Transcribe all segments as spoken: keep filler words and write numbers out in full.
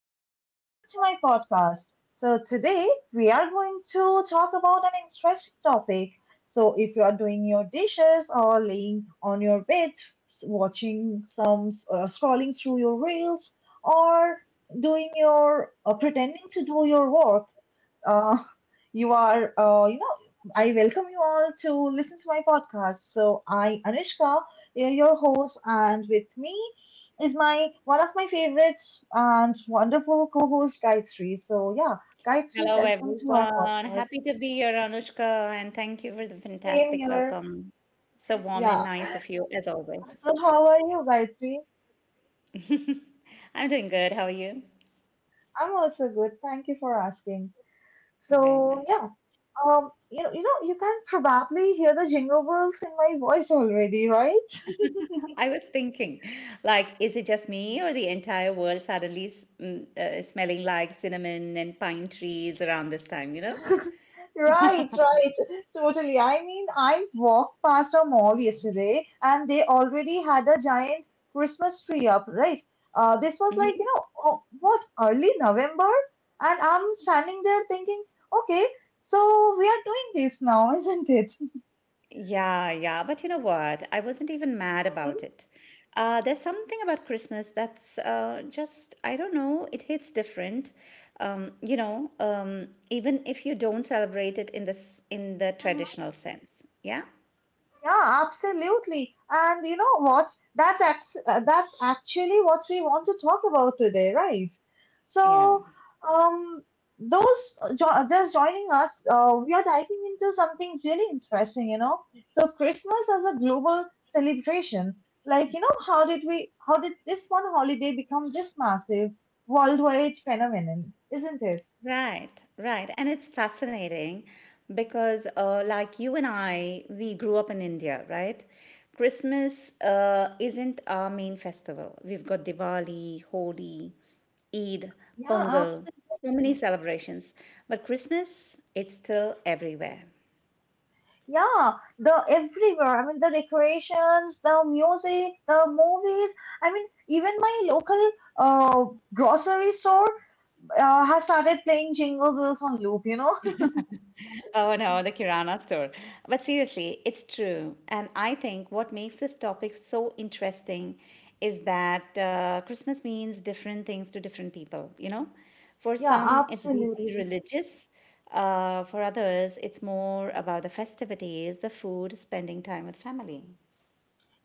and welcome back to my podcast. So, today we are going to talk about an interesting topic. So, if you are doing your dishes or laying on your bed, s- watching some, uh, scrolling through your reels, or doing your, or pretending to do your work, uh, you are, uh, you know, I welcome you all to listen to my podcast. So I, Anushka, eh, your host, and with me is my one of my favorites and wonderful co-host Gayatri. So yeah, Gayatri, Hello, welcome to our everyone. podcast. Happy to be here, Anushka, and thank you for the Same fantastic here. welcome. So warm and Yeah. nice of you, as always. So how are you, Gayatri? I'm doing good. How are you? I'm also good. Thank you for asking. Very So nice. yeah, um, you know, you know, you can probably hear the jingle bells in my voice already, right? I was thinking, like, is it just me or the entire world suddenly s- mm, uh, smelling like cinnamon and pine trees around this time, you know? Right, right. Totally. I mean, I walked past a mall yesterday and they already had a giant Christmas tree up, right? Uh, this was like, you Mm-hmm. know, oh, what, early November? And I'm standing there thinking, okay, so we are doing this now, isn't it? Yeah, yeah, but you know what? I wasn't even mad about it. Uh, there's something about Christmas that's uh, just, I don't know, it hits different. Um, you know, um, even if you don't celebrate it in this in the Mhm. traditional sense. Yeah, Yeah, absolutely. And you know what? That's act- uh, that's actually what we want to talk about today, right? yeah. So, um, those uh, jo- uh, just joining us, uh, we are diving into something really interesting, you know. So, Christmas as a global celebration. Like, you know, how did we? How did this one holiday become this massive worldwide phenomenon? Isn't it? Right, right. And it's fascinating because, uh, like you and I, we grew up in India, right? Christmas uh, isn't our main festival. We've got Diwali, Holi, Eid, Yeah, Pongal, so many celebrations. But Christmas, it's still everywhere. yeah, the everywhere. I mean, the decorations, the music, the movies. I mean, even my local uh grocery store uh, has started playing Jingle Bells on loop, you know? Oh no, the Kirana store. But seriously, it's true. And I think what makes this topic so interesting is that uh, Christmas means different things to different people, you know? For Yeah, some, it's deeply absolutely. religious. Uh, for others, it's more about the festivities, the food, spending time with family.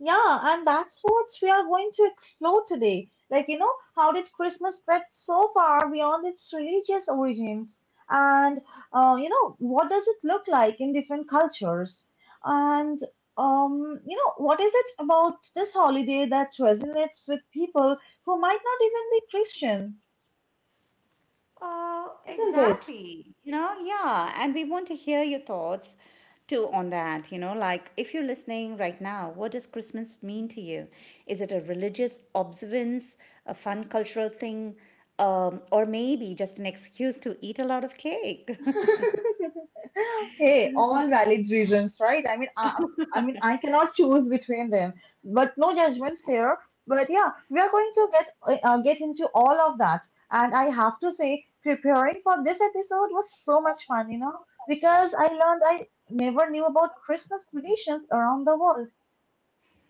Yeah, and that's what we are going to explore today. Like, you know, how did Christmas spread so far beyond its religious origins? And, uh, you know, what does it look like in different cultures? And, um, you know, what is it about this holiday that resonates with people who might not even be Christian? Uh, Isn't Exactly. You know, yeah. And we want to hear your thoughts too on that. You know, like if you're listening right now, what does Christmas mean to you? Is it a religious observance, a fun cultural thing, um, or maybe just an excuse to eat a lot of cake? it? Hey, all valid reasons, right? I mean, I, I mean, I cannot choose between them, but no judgments here. But yeah, we are going to get uh, get into all of that, and I have to say, preparing for this episode was so much fun, you know, because I learned I never knew about Christmas traditions around the world.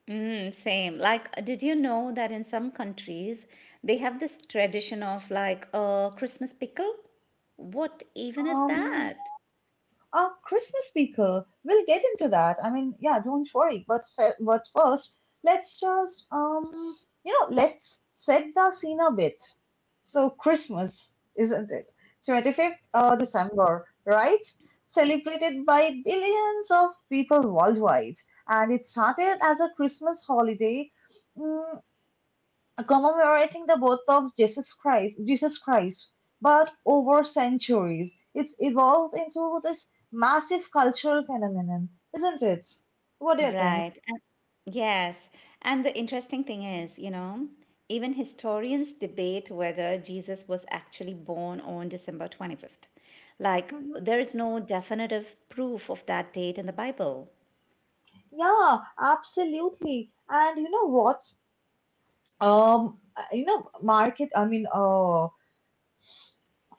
Mm, same. Like, did you know that in some countries they have this tradition of like a Christmas pickle? What even is Um, that? A Christmas speaker. We'll get into that. I mean, yeah, don't worry. But fe- but first, let's just um, you know, let's set the scene a bit. So Christmas, isn't it? twenty-fifth uh, December, right? Celebrated by billions of people worldwide, and it started as a Christmas holiday, mm, commemorating the birth of Jesus Christ, Jesus Christ, but over centuries, it's evolved into this massive cultural phenomenon, isn't it? What do you think? Right. And yes. And the interesting thing is, you know, even historians debate whether Jesus was actually born on December twenty-fifth. Like, Mhm. there is no definitive proof of that date in the Bible. Yeah, absolutely. And you know what? Um, uh, you know, market. I mean, uh,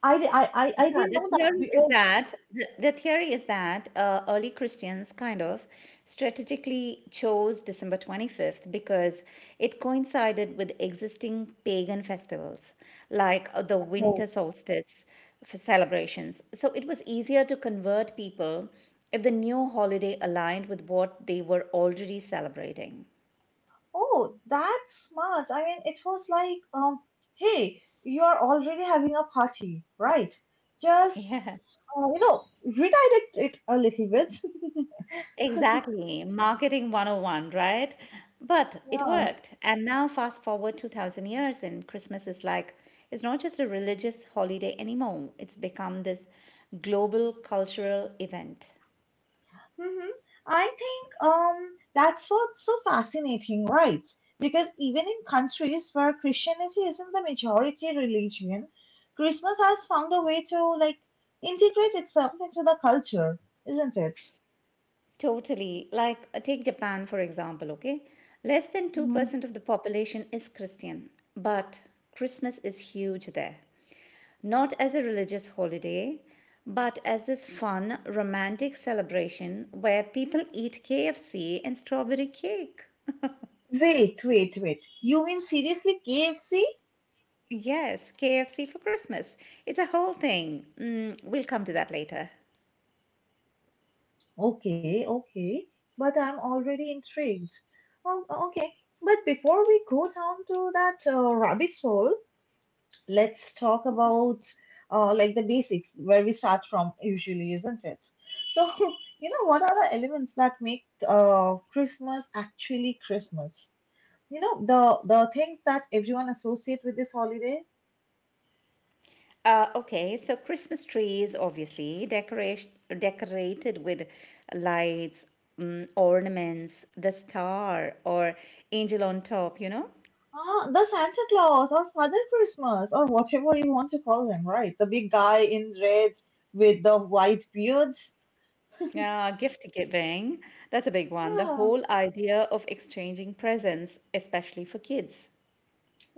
I di- I I, I Yeah, didn't the know that theory is because that the, the theory is that uh, early Christians kind of strategically chose December twenty-fifth because it coincided with existing pagan festivals like uh, the oh, winter solstice for celebrations. So it was easier to convert people if the new holiday aligned with what they were already celebrating. oh, that's smart. I mean, it was like um, hey, you're already having a party, right? Just Yeah. uh, you know, redirect it a little bit. Exactly, marketing one oh one, right? But it Yeah. worked. And now, fast forward two thousand years, and Christmas is like, it's not just a religious holiday anymore, it's become this global cultural event. Hmm. I think um, that's what's so fascinating, right? Because even in countries where Christianity isn't the majority religion, Christmas has found a way to like integrate itself into the culture, isn't it? Totally. Like, uh, take Japan for example, okay? Less than Mhm. two percent of the population is Christian, but Christmas is huge there. Not as a religious holiday, but as this fun, romantic celebration where people eat K F C and strawberry cake. Wait, wait, wait. You mean seriously K F C? Yes, K F C for Christmas. It's a whole thing. Mm, we'll come to that later. Okay, okay, but I'm already intrigued. Oh, okay, but before we go down to that uh, rabbit hole, let's talk about uh, like the basics where we start from usually, isn't it? So, you know, what are the elements that make uh, Christmas actually Christmas? You know, the the things that everyone associate with this holiday. Uh, okay, so Christmas trees, obviously, decoration decorated with lights, mm, ornaments, the star or angel on top, you know? Ah, the Santa Claus or Father Christmas or whatever you want to call him, right? The big guy in red with the white beards. Yeah, gift giving, that's a big one. The Yeah, whole idea of exchanging presents, especially for kids.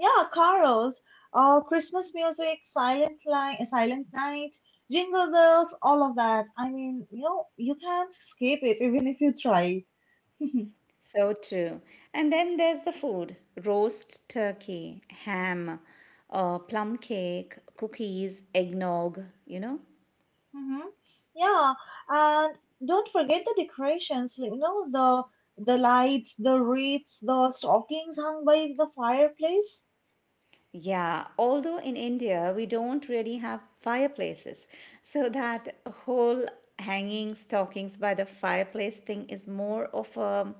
yeah, carols, uh, Christmas music, silent night, silent night, jingle bells, all of that. I mean, you know, you can't escape it even if you try. So true. And then there's the food, roast turkey, ham, uh, plum cake, cookies, eggnog, you know? Mm-hmm. Yeah, and don't forget the decorations, like, you know, the the lights, the wreaths, the stockings hung by the fireplace. Yeah, although in India we don't really have fireplaces. So that whole hanging stockings by the fireplace thing is more of a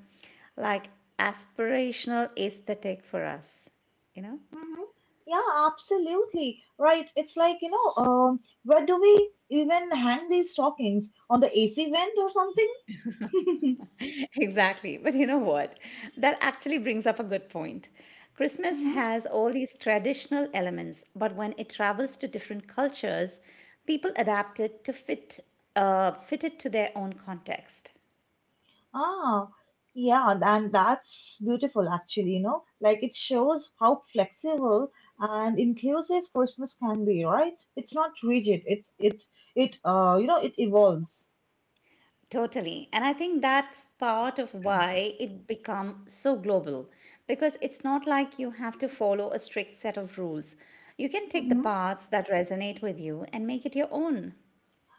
like aspirational aesthetic for us, you know? Mm-hmm. Yeah, absolutely. Right. It's like, you know, um, where do we even hang these stockings? On the A C vent or something? Exactly. But you know what? That actually brings up a good point. Christmas Hmm. has all these traditional elements, but when it travels to different cultures, people adapt it to fit uh, fit it to their own context. Ah, yeah, and that's beautiful actually, you know, like it shows how flexible and inclusive Christmas can be, right? It's not rigid. It's it it uh, You know, it evolves. Totally. And I think that's part of why it become so global because it's not like you have to follow a strict set of rules. You can take the parts that resonate with you and make it your own.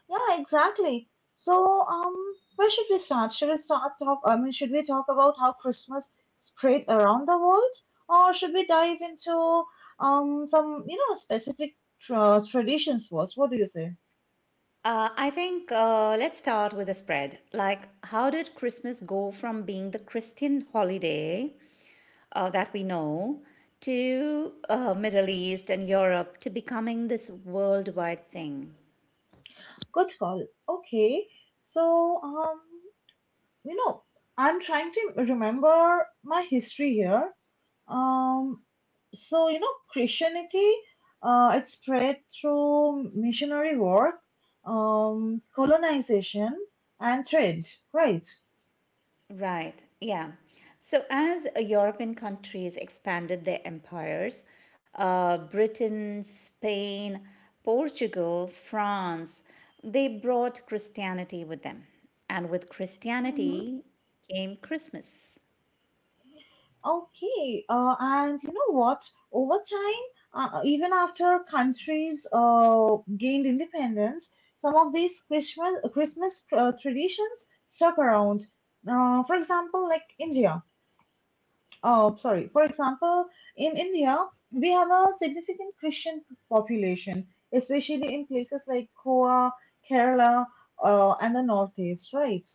Yeah, exactly. So, um, where should we start? Should we start talk? I mean, should we talk about how Christmas spread around the world, or should we dive into um some you know specific tra traditions first? What do you say? Uh, I think uh, let's start with a spread. Like, how did Christmas go from being the Christian holiday uh, that we know to uh, Middle East and Europe to becoming this worldwide thing? Good call. Okay. So, um, you know, I'm trying to remember my history here. Um, so you know, Christianity, uh, it spread through missionary work, um, colonization, and trade, right? Right. Yeah. So as uh, European countries expanded their empires, uh, Britain, Spain, Portugal, France, they brought Christianity with them. And with Hmm. Christianity came Christmas. Okay, uh, and you know what? Over time, uh, even after countries uh, gained independence, some of these Christmas Christmas uh, traditions stuck around. Uh, for example, like India. Oh, sorry. For example, in India, we have a significant Christian population, especially in places like Goa, Kerala, uh, and the Northeast, right?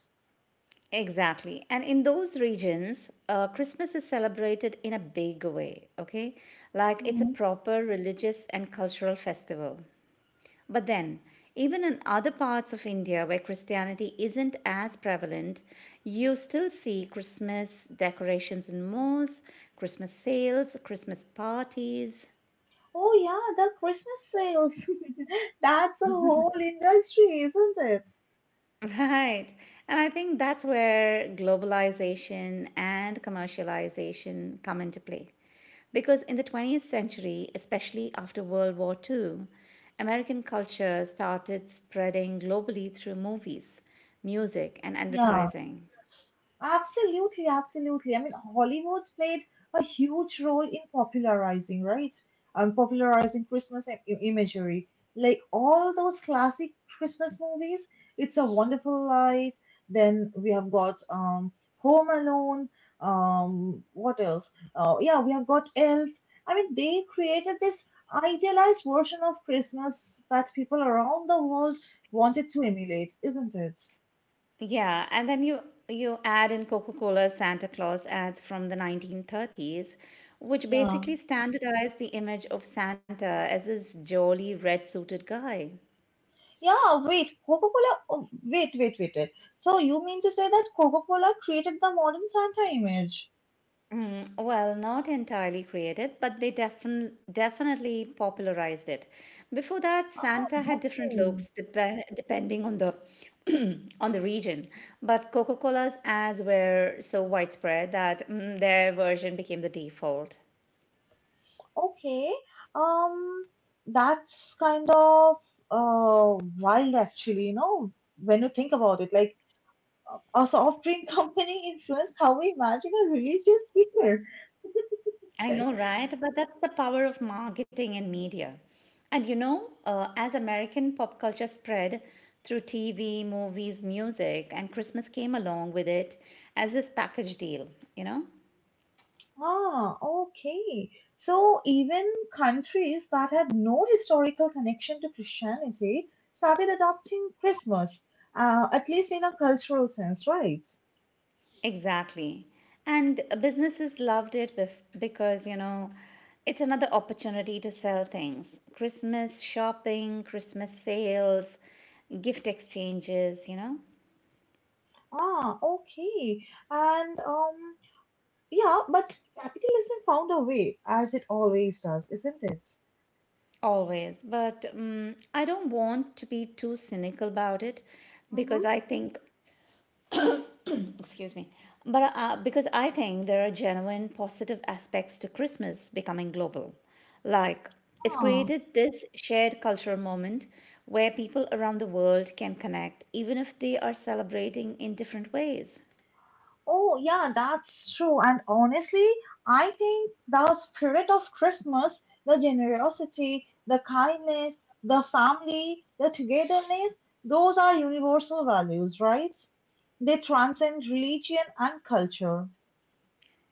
Exactly. And in those regions, uh, Christmas is celebrated in a big way, okay? Like it's a Mhm. proper religious and cultural festival. But then, even in other parts of India where Christianity isn't as prevalent, you still see Christmas decorations in malls, Christmas sales, Christmas parties. Oh, yeah, the Christmas sales. That's a whole industry, isn't it? Right. And I think that's where globalization and commercialization come into play. Because in the twentieth century, especially after World War Two, American culture started spreading globally through movies, music, and advertising. Absolutely, absolutely. I mean, Hollywood played a huge role in popularizing, right? Um, popularizing Christmas i- i- imagery. Like all those classic Christmas movies, It's a Wonderful Life. Then we have got um, Home Alone. Um, what else? Uh, yeah, we have got Elf. I mean, they created this idealized version of Christmas that people around the world wanted to emulate, isn't it? Yeah, and then you you add in coca Cola's Santa Claus ads from the nineteen thirties, which Yeah. basically standardized the image of Santa as this jolly red-suited guy. Yeah, wait, Coca-Cola. Oh, wait, wait, wait, wait. So you mean to say that Coca-Cola created the modern Santa image? Mm, well, not entirely created, but they defin- definitely popularized it. Before that, Ah, Santa had different okay. looks dep- depending on the on the region, but Coca-Cola's ads were so widespread that mm, their version became the default. Okay. Um, that's kind of uh wild actually, you know, when you think about it. Like a soft drink company influenced how we imagine a religious figure. I know, right? But that's the power of marketing and media. And you know, uh, as American pop culture spread through T V, movies, music, and Christmas came along with it as this package deal, you know? Ah, okay. So even countries that had no historical connection to Christianity started adopting Christmas, uh, at least in a cultural sense, right? Exactly. And businesses loved it bef- because, you know, it's another opportunity to sell things Christmas shopping, Christmas sales, gift exchanges, you know? Ah, okay. And um, yeah, but capitalism found a way, as it always does, isn't it? Always. But um, I don't want to be too cynical about it Mm-hmm. because I think, excuse me, but uh, because I think there are genuine positive aspects to Christmas becoming global. Like, it's Ah. created this shared cultural moment where people around the world can connect, even if they are celebrating in different ways. Oh, yeah, that's true. And honestly, I think the spirit of Christmas, the generosity, the kindness, the family, the togetherness, those are universal values, right? They transcend religion and culture.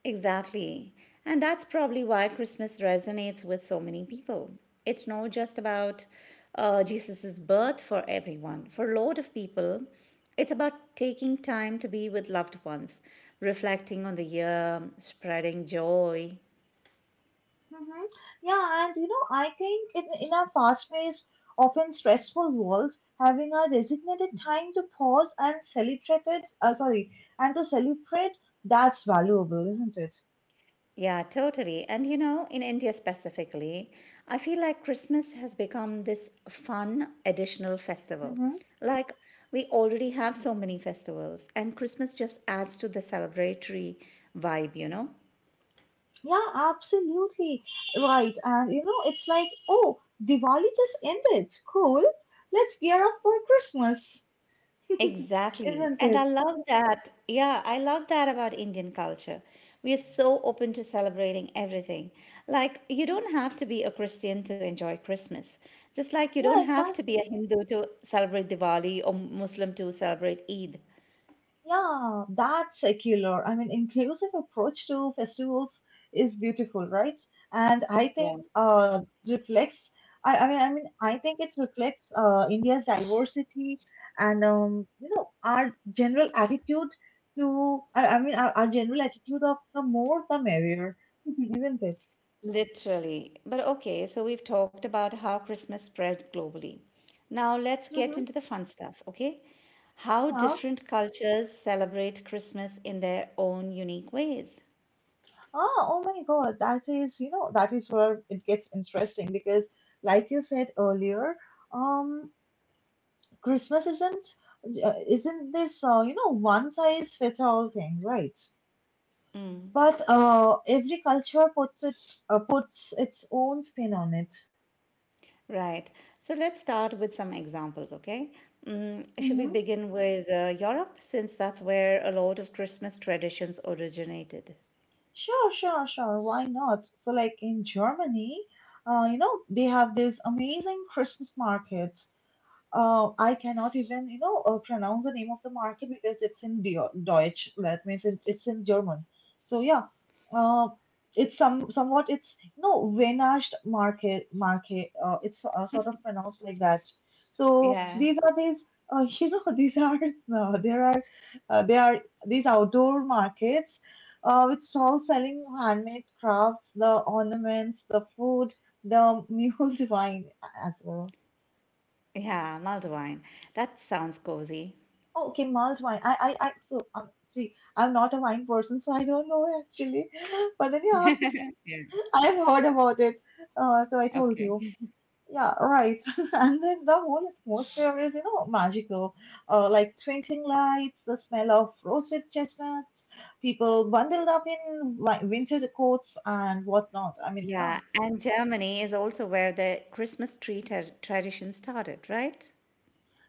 Exactly. And that's probably why Christmas resonates with so many people. It's not just about uh, Jesus' birth for everyone, for a lot of people, it's about taking time to be with loved ones, reflecting on the year, spreading joy. Hmm. Yeah, and you know, I think in, in our fast paced, often stressful world, having a designated time to pause and celebrate it, uh, sorry, and to celebrate, that's valuable, isn't it? Yeah, totally. And you know, in India specifically, I feel like Christmas has become this fun additional festival. Mm-hmm. Like, we already have so many festivals, and Christmas just adds to the celebratory vibe, you know? Yeah, absolutely. Right. And you know, it's like, oh, Diwali just ended. Cool. Let's gear up for Christmas. Exactly. Isn't And I it? love that. Yeah, I love that about Indian culture. We are so open to celebrating everything. Like, you don't Mhm. have to be a Christian to enjoy Christmas, just like you don't Yeah, have to be a exactly. Hindu to celebrate Diwali or Muslim to celebrate Eid. Yeah, that secular, I mean, inclusive approach to festivals is beautiful, right? And I Yeah, think uh, reflects. I, I mean, I mean, I think it reflects uh, India's diversity and um, you know our general attitude to. I, I mean, our, our general attitude of the more the merrier, isn't it? literally. But okay, so we've talked about how Christmas spread globally. Now let's get into Hmm. the fun stuff, okay? How Yeah. different cultures celebrate Christmas in their own unique ways. Oh, oh my God. That is, you know, that is where it gets interesting because, like you said earlier, um, Christmas isn't uh, isn't this uh, you know one size fits all thing, right? But uh, every culture puts it uh, puts its own spin on it. Right. So let's start with some examples, okay? Mm, should we Mm-hmm. begin with uh, Europe, since that's where a lot of Christmas traditions originated? Sure, sure, sure. Why not? So, like in Germany, uh, you know, they have these amazing Christmas markets. Uh, I cannot even, you know, uh, pronounce the name of the market because it's in Deu- Deutsch. That means it, it's in German. So yeah, uh, it's some somewhat, it's you know, Wenascht market market. Uh, It's uh, sort of pronounced like that. So Yeah. these are these, uh, you know, these are uh, there are uh, there are these outdoor markets uh, with stalls selling handmade crafts, the ornaments, the food, the mule wine as well. Yeah, Maldivine. That sounds cozy. Oh, okay, mulled wine. I, I, I. So, um, see, I'm not a wine person, so I don't know actually. But then, yeah, I've heard about it. Uh, so I told Okay. you. Yeah, right. And then the whole atmosphere is, you know, magical. Uh, like twinkling lights, the smell of roasted chestnuts, people bundled up in wi- winter coats and whatnot. I mean, yeah, Yeah, and Germany is also where the Christmas tree tra tradition started, right?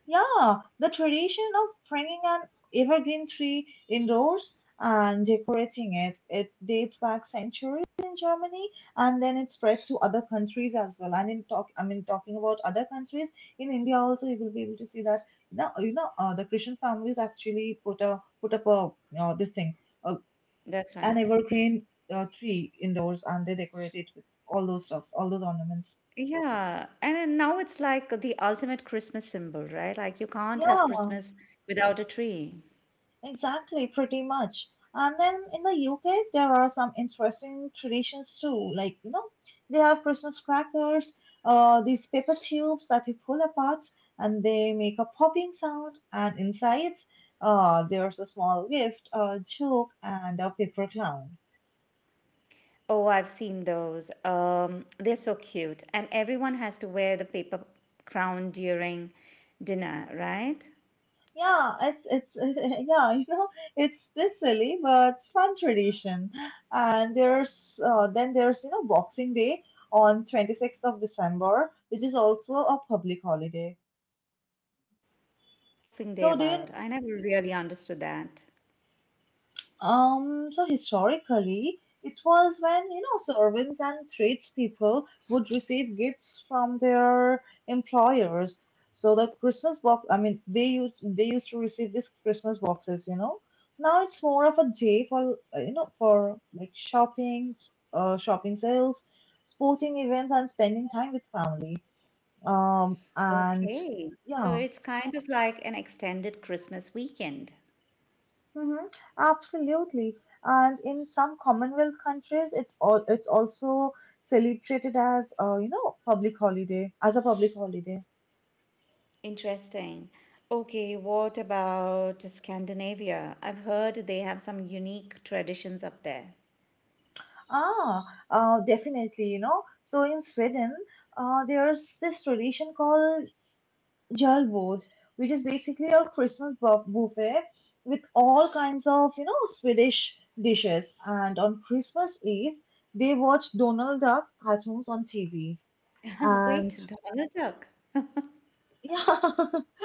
yeah, the tradition of bringing an evergreen tree indoors and decorating it, it dates back centuries in Germany and then it spread to other countries as well. And in talk, I mean, talking about other countries, in India also you will be able to see that, you know, you know, uh, the Christian families actually put a put up a uh, this thing, uh, That's an right. evergreen uh, tree indoors, and they decorate it with all those stuffs, all those ornaments. Yeah, and then now it's like the ultimate Christmas symbol, right? Like you can't have Yeah, Christmas without a tree. exactly, pretty much. And then in the U K, there are some interesting traditions too. Like, you know, they have Christmas crackers, uh, these paper tubes that you pull apart and they make a popping sound. And inside, uh, there's a small gift, a joke, and a paper clown. Oh, I've seen those. Um, they're so cute. And everyone has to wear the paper crown during dinner, right? Yeah, it's it's yeah, you know, it's this silly but fun tradition. And there's uh, then there's you know Boxing Day on twenty-sixth of December, which is also a public holiday. Oh, what's Boxing Day So do you about? I never really understood that. Um, so historically, it was when, you know, servants and tradespeople would receive gifts from their employers. So the Christmas box, I mean, they used they used to receive these Christmas boxes, you know. Now it's more of a day for, uh, you know, for like shopping, uh, shopping sales, sporting events, and spending time with family. Um, and Okay. So yeah. it's kind of like an extended Christmas weekend. Mm-hmm. Absolutely. And in some Commonwealth countries, it's all it's also celebrated as uh, you know public holiday as a public holiday. Interesting. Okay, what about Scandinavia? I've heard they have some unique traditions up there. Ah, uh, Definitely. You know, so in Sweden, uh, there's this tradition called Jalbord, which is basically a Christmas bu- buffet with all kinds of you know Swedish dishes. And on Christmas Eve, they watch Donald Duck cartoons on T V. Wait, Donald Duck. Yeah.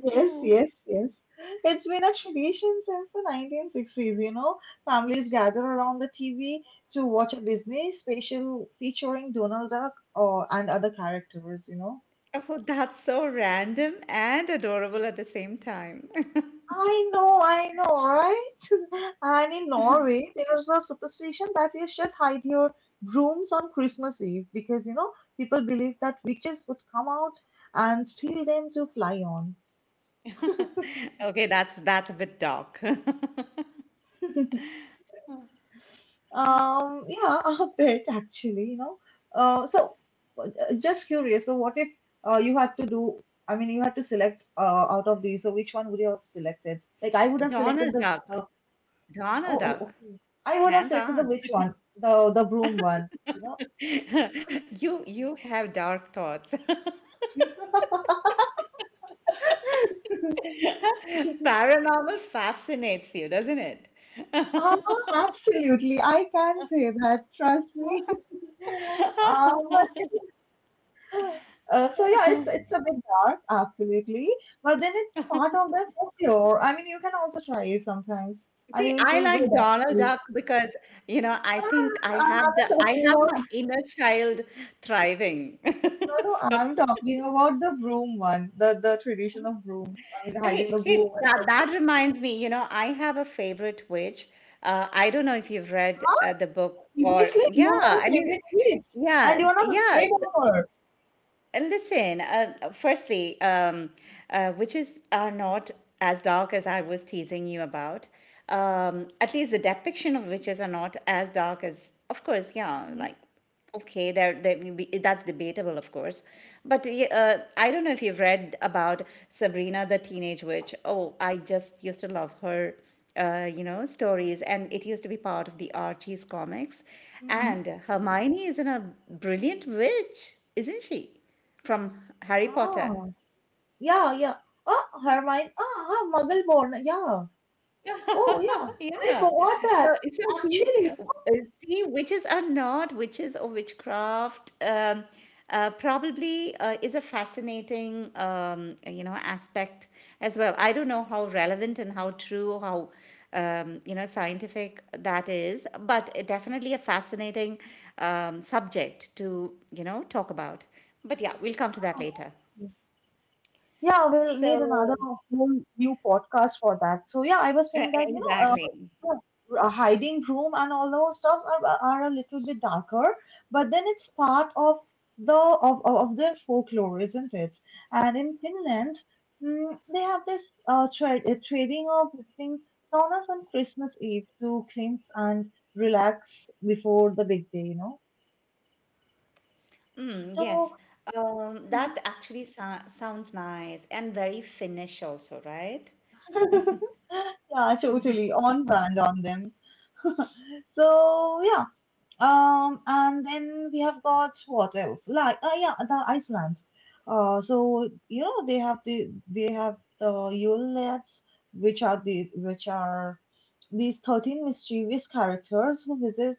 Yes, Oh. yes, yes. It's been a tradition since the nineteen sixties, you know. Families gather around the T V to watch a Disney special featuring Donald Duck or and other characters, you know. Oh, that's so random and adorable at the same time. I know, I know, right? And in Norway, there's a superstition that you should hide your brooms on Christmas Eve because, you know, people believe that witches would come out and steal them to fly on. Okay, that's that's a bit dark. Um, yeah, a bit actually, you know. Uh, so uh, uh, just curious. So what if uh, you had to do? I mean, you had to select uh, out of these. So which one would you have selected? Like I would have selected Donald the. Duck. Oh, Donald oh, Duck. okay. I would have Hands selected the on. which one? The the broom one. You know. You you have dark thoughts. Paranormal fascinates you, doesn't it? Ah, absolutely. I can say that. Trust me. Um, Uh, so yeah, it's it's a bit dark, absolutely, but then it's part of their folklore. I mean, you can also try it sometimes, and See, you will I feel good like Donald actually. Duck because, you know, I No, no, think I no, I'm have not the I talking have my about. inner child thriving. No, no, So I'm talking about the broom one, the the tradition of brooms. I mean, hiding hey, the hey, broom. that, And, that reminds me, you know, I have a favorite witch. Uh, I don't know if you've read huh? uh, the book or, Seriously, yeah, you have I a mean, favorite witch, yeah, and you're not yeah. afraid of her. And listen, uh, firstly, um, uh, witches are not as dark as I was teasing you about. Um, at least the depiction of witches are not as dark as, of course, yeah, Mm-hmm. like, okay, there, there may be- that's debatable, of course. But y- uh, I don't know if you've read about Sabrina the Teenage Witch. Oh, I just used to love her uh, you know, stories, and it used to be part of the Archie's comics. Hmm. And Hermione is in a brilliant witch, isn't she? From Harry Potter. Ah, yeah, yeah. Ah, Hermione. Ah, ah, Muggle born. Yeah. Oh, yeah. I Yeah. forgot So, that. so see, Actually. uh, see, witches are not witches or witchcraft. Um, uh, probably uh, is a fascinating, um, you know, aspect as well. I don't know how relevant and how true, how um, you know, scientific that is, but it definitely a fascinating um, subject to you know talk about. But yeah, we'll come to that later. Yeah, we'll need another So, whole new podcast for that. So yeah, I was saying that, you know, uh, exactly. yeah, a hiding room and all those stuffs are, are a little bit darker, but then it's part of the of, of of their folklore, isn't it? And in Finland, mm, they have this uh, tra- uh, trading of visiting saunas on Christmas Eve to cleanse and relax before the big day, you know. Mm, yes. So Um, that actually sou sounds nice and very Finnish also, right? yeah, totally on brand on them. So yeah, um, and then we have got what else? Like, uh, yeah, the Iceland. Uh, so you know they have the they have the Yulets, which are the which are these thirteen mischievous characters who visit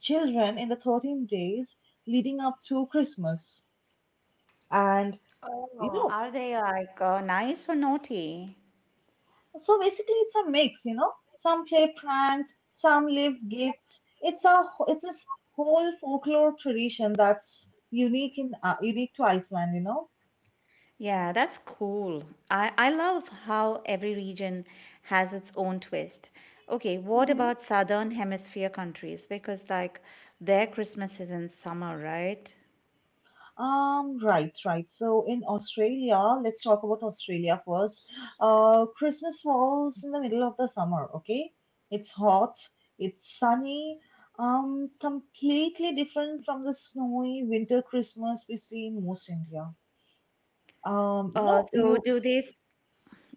children in the thirteen days leading up to Christmas. And you Oh, know are they like uh, nice or naughty? So basically, it's a mix, you know. Some play pranks, some leave gifts. It's a it's this whole folklore tradition that's unique in uh, unique to Iceland, you know. Yeah, that's cool. I, I love how every region has its own twist. Okay, what Hmm. about Southern Hemisphere countries? Because like their Christmas is in summer, right? Um, right, right. So in Australia, let's talk about Australia first. Uh, Christmas falls in the middle of the summer, okay? It's hot, it's sunny, um, completely different from the snowy winter Christmas we see in most India. Um, you Uh, know, so you do they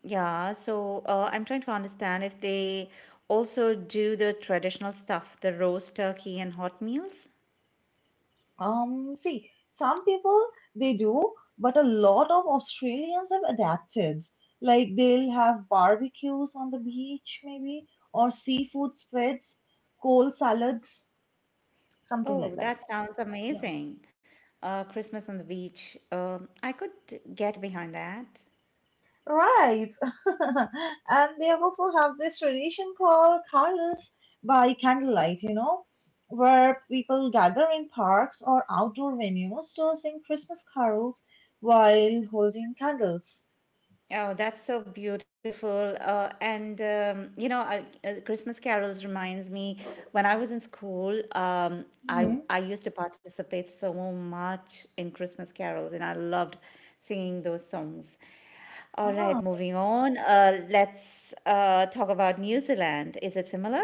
Yeah, so uh, I'm trying to understand if they also do the traditional stuff, the roast turkey and hot meals. Um, see, some people they do, but a lot of Australians have adapted. Like they'll have barbecues on the beach, maybe, or seafood spreads, cold salads, something like Oh, that. that sounds Yeah, amazing. Uh, Christmas on the beach. Um, I could get behind that. right. And they also have this tradition called Carlos by candlelight, you know, where people gather in parks or outdoor venues to sing Christmas carols while holding candles. Oh, that's so beautiful. Uh, and, um, you know, I, uh, Christmas carols reminds me when I was in school, um, I, Mm-hmm. I used to participate so much in Christmas carols and I loved singing those songs. All right, Ah. moving on. Uh, let's uh, talk about New Zealand. Is it similar?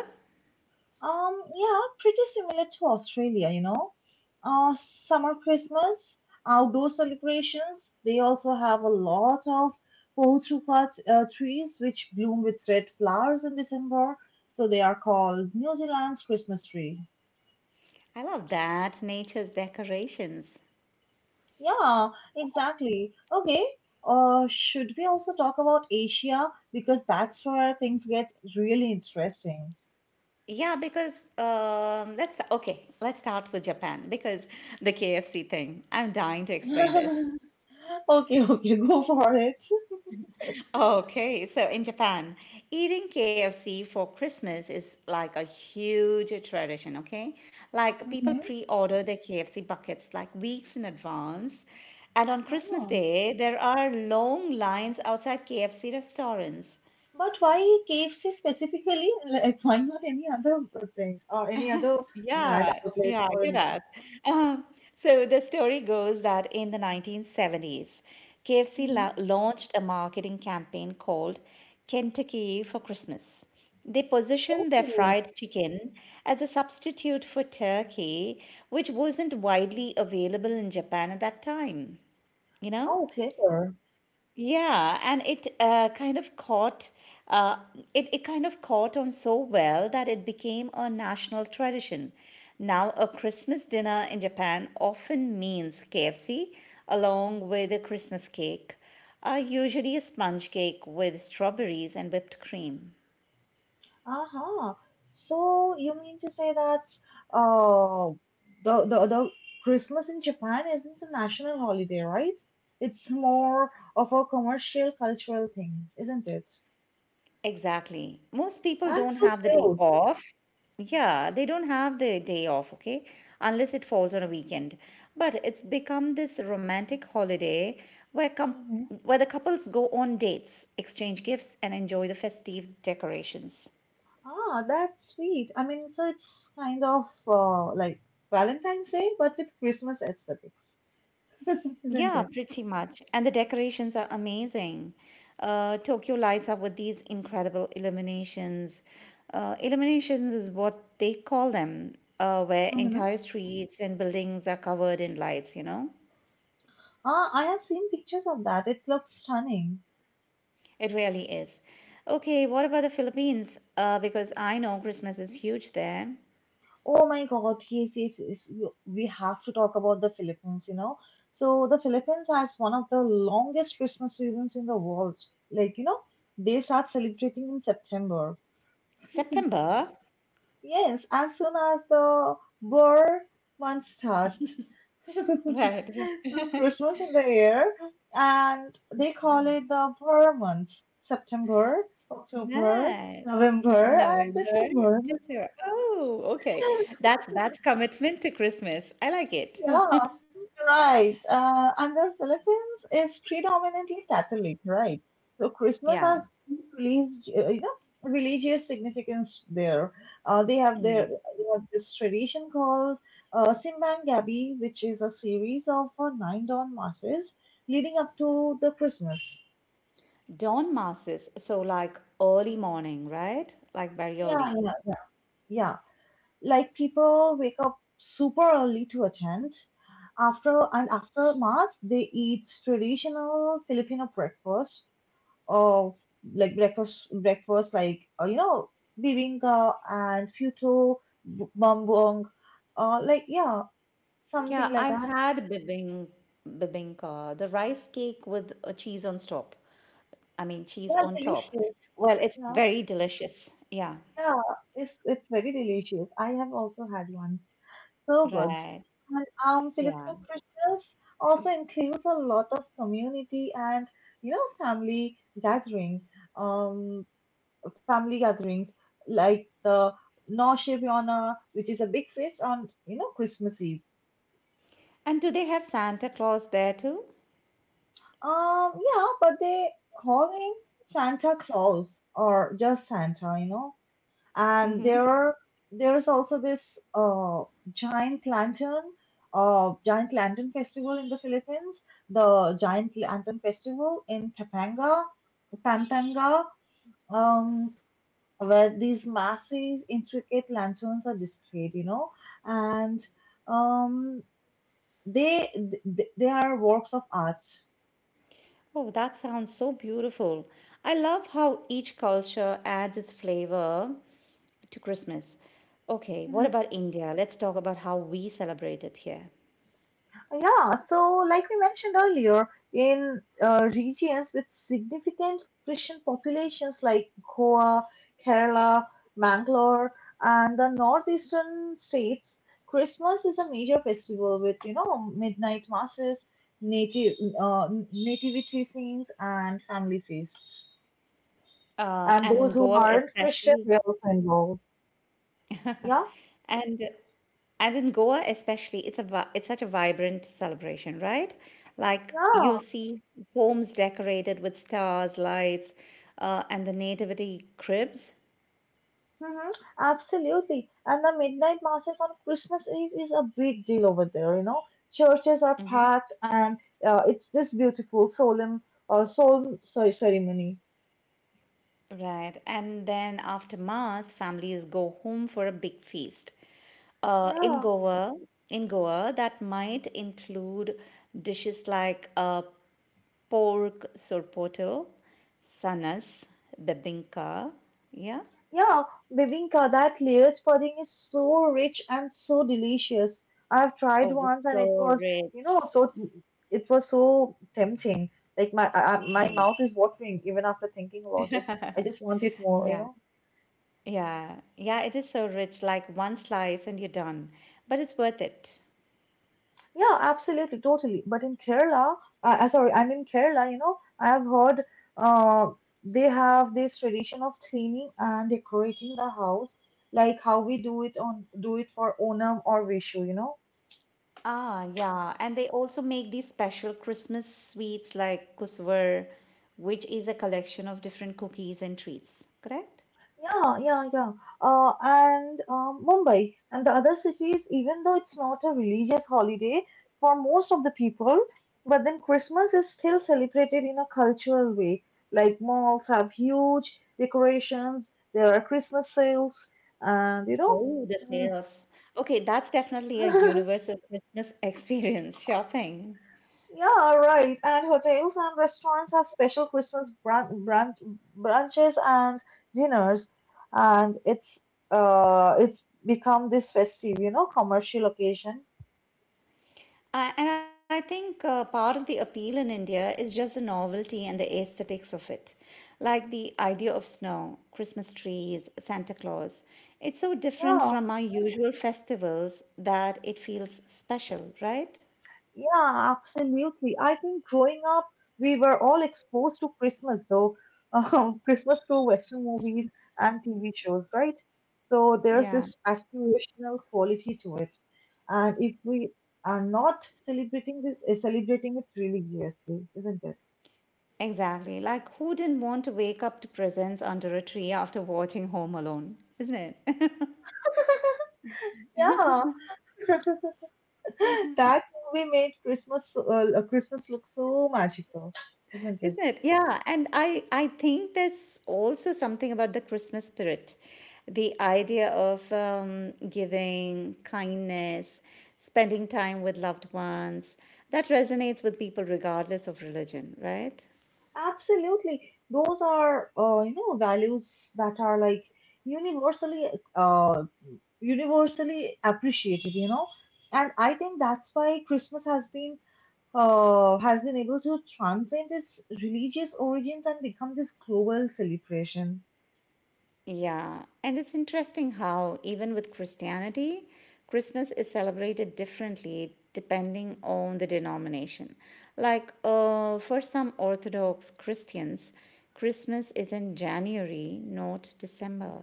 Um, yeah, pretty similar to Australia, you know. Uh, summer Christmas, outdoor celebrations. They also have a lot of pohutuka t- uh, trees which bloom with red flowers in December, so they are called New Zealand's Christmas tree. I love that. Nature's decorations. Yeah, exactly. Okay. Uh, should we also talk about Asia? Because that's where things get really interesting. Yeah, because um, let's okay. Let's start with Japan because the K F C thing. I'm dying to explain this. Okay, okay, go for it. Okay, so in Japan, eating K F C for Christmas is like a huge tradition, okay? Like people pre-order their K F C buckets like weeks in advance. And on Christmas Hmm. Day, there are long lines outside K F C restaurants. But why K F C specifically? Like, why not any other uh, thing or any other brand Yeah, yeah, outlets I or hear that. anything? Um, so the story goes that in the nineteen seventies, K F C Hmm. la launched a marketing campaign called Kentucky for Christmas. They positioned their Oh, fried chicken as a substitute for turkey, which wasn't widely available in Japan at that time, you know? oh, clever. Yeah, and it uh, kind of caught uh, it, it kind of caught on so well that it became a national tradition. Now, a Christmas dinner in Japan often means K F C along with a Christmas cake, uh, usually a sponge cake with strawberries and whipped cream. Uh-huh. So you mean to say that uh the the the Christmas in Japan isn't a national holiday, right? It's more of a commercial cultural thing, isn't it? Exactly. Most people That's don't so have the day cute. off. Yeah, they don't have the day off, okay? Unless it falls on a weekend. But it's become this romantic holiday where com where the couples go on dates, exchange gifts, and enjoy the festive decorations. Ah, that's sweet. I mean, so it's kind of uh, like Valentine's Day, but with Christmas aesthetics, isn't Yeah, it? pretty much. And the decorations are amazing. Uh, Tokyo lights up with these incredible illuminations. Uh, illuminations is what they call them, uh, where Mm-hmm. entire streets and buildings are covered in lights, you know? Ah, I have seen pictures of that. It looks stunning. It really is. Okay, what about the Philippines? Uh, because I know Christmas is huge there. Oh my God, yes, yes, yes. You- We have to talk about the Philippines, you know. So the Philippines has one of the longest Christmas seasons in the world. Like, you know, they start celebrating in September. September. Yes, as soon as the Boer months start. Right. So Christmas in the air, and they call it the Bora months: September, October, Right. November, and November, December. December. Oh, okay. That's that's commitment to Christmas. I like it. Yeah, right. Uh, and the Philippines is predominantly Catholic, right? So Christmas Yeah. has deep uh, you know, religious significance there. Uh, they have their they have this tradition called uh, Simbang Gabi, which is a series of uh, nine dawn masses leading up to the Christmas. Dawn masses. So like early morning, right? Like very Yeah, early. yeah, yeah. Like people wake up super early to attend. After and after mass, they eat traditional Filipino breakfast of like breakfast breakfast like uh, you know bibimbap and futu b- bumbong uh like yeah Yeah, something like I've that. had bibing, bibinka, the rice cake with uh, cheese on top. I mean, cheese Yeah, on top. delicious. Well, it's Yeah. very delicious. Yeah. Yeah, it's it's very delicious. I have also had once. So good. Right. And um Yeah. Filipino Christmas also includes a lot of community and you know family gathering um family gatherings, like the Nochebuena, which is a big feast on you know Christmas Eve. And do they have Santa Claus there too? Um, yeah, but they call him Santa Claus or just Santa, you know. And there Mm-hmm. are there's also this uh giant lantern, uh giant lantern festival in the Philippines, the giant lantern festival in Tapanga, Pampanga. Um, where these massive, intricate lanterns are displayed, you know, and um, they, they they are works of art. Oh, that sounds so beautiful. I love how each culture adds its flavor to Christmas. Okay, what Hmm. about India? Let's talk about how we celebrate it here. Yeah, so like we mentioned earlier, in uh, regions with significant Christian populations like Goa, Kerala, Mangalore, and the northeastern states, Christmas is a major festival with, you know, midnight masses, native uh, nativity scenes, and family feasts. Uh, And And those in who Goa aren't Christian, especially. they're also involved. Yeah. And and in Goa especially, it's a vi- it's such a vibrant celebration, right? Like Yeah, you'll see homes decorated with stars, lights, uh, and the nativity cribs. hmm, absolutely. And the midnight masses on Christmas Eve is a big deal over there, you know. Churches are packed and uh, it's this beautiful solemn uh, solemn sorry ceremony. Right. And then after Mass, families go home for a big feast. Uh, in Yeah. Goa, in Goa, that might include dishes like uh, pork sorpotel, sanas, bebinka, yeah, Yeah, Bibinka, that layered pudding is so rich and so delicious. I've tried oh, it's once and it so was, you know, rich, so it was so tempting. Like my I, I- my yeah. mouth is watering even after thinking about it. I just want it more, you Yeah, know. yeah, yeah, it is so rich, like one slice and you're done. But it's worth it. Yeah, absolutely, totally. But in Kerala, uh, uh, sorry, and in Kerala, you know, I have heard uh, they have this tradition of cleaning and decorating the house, like how we do it on do it for Onam or Vishu, you know. Ah, yeah. And they also make these special Christmas sweets like kusvar, which is a collection of different cookies and treats, correct? Yeah, yeah, yeah. Uh, and um, Mumbai and the other cities, even though it's not a religious holiday for most of the people, but then Christmas is still celebrated in a cultural way. Like malls have huge decorations, there are Christmas sales, and you Oh, the know, sales. Okay, that's definitely a mm, universal Christmas experience, shopping. yeah, right. And hotels and restaurants have special Christmas brun brun brunches and dinners, and it's uh it's become this festive, you know, commercial occasion. I, and I think uh, part of the appeal in India is just the novelty and the aesthetics of it. Like the idea of snow, Christmas trees, Santa Claus. It's so different Yeah. from our usual festivals that it feels special, right? Yeah, absolutely. I think growing up, we were all exposed to Christmas, though. Um, Christmas through Western movies and T V shows, right? So there's Yeah, this aspirational quality to it. And if we are not celebrating this, eh, celebrating it religiously, isn't it? exactly. Like, who didn't want to wake up to presents under a tree after watching Home Alone? Isn't it? Yeah. That movie made Christmas, uh, Christmas look so magical, isn't it? Isn't it? Yeah, and I I think there's also something about the Christmas spirit, the idea of um, giving kindness, spending time with loved ones that resonates with people regardless of religion, right? Absolutely. Those are, uh, you know, values that are like universally, uh, universally appreciated, you know. And I think that's why Christmas has been, uh, has been able to transcend its religious origins and become this global celebration. Yeah, and it's interesting how, even with Christianity, Christmas is celebrated differently depending on the denomination. Like uh, for some Orthodox Christians, Christmas is in January, not December.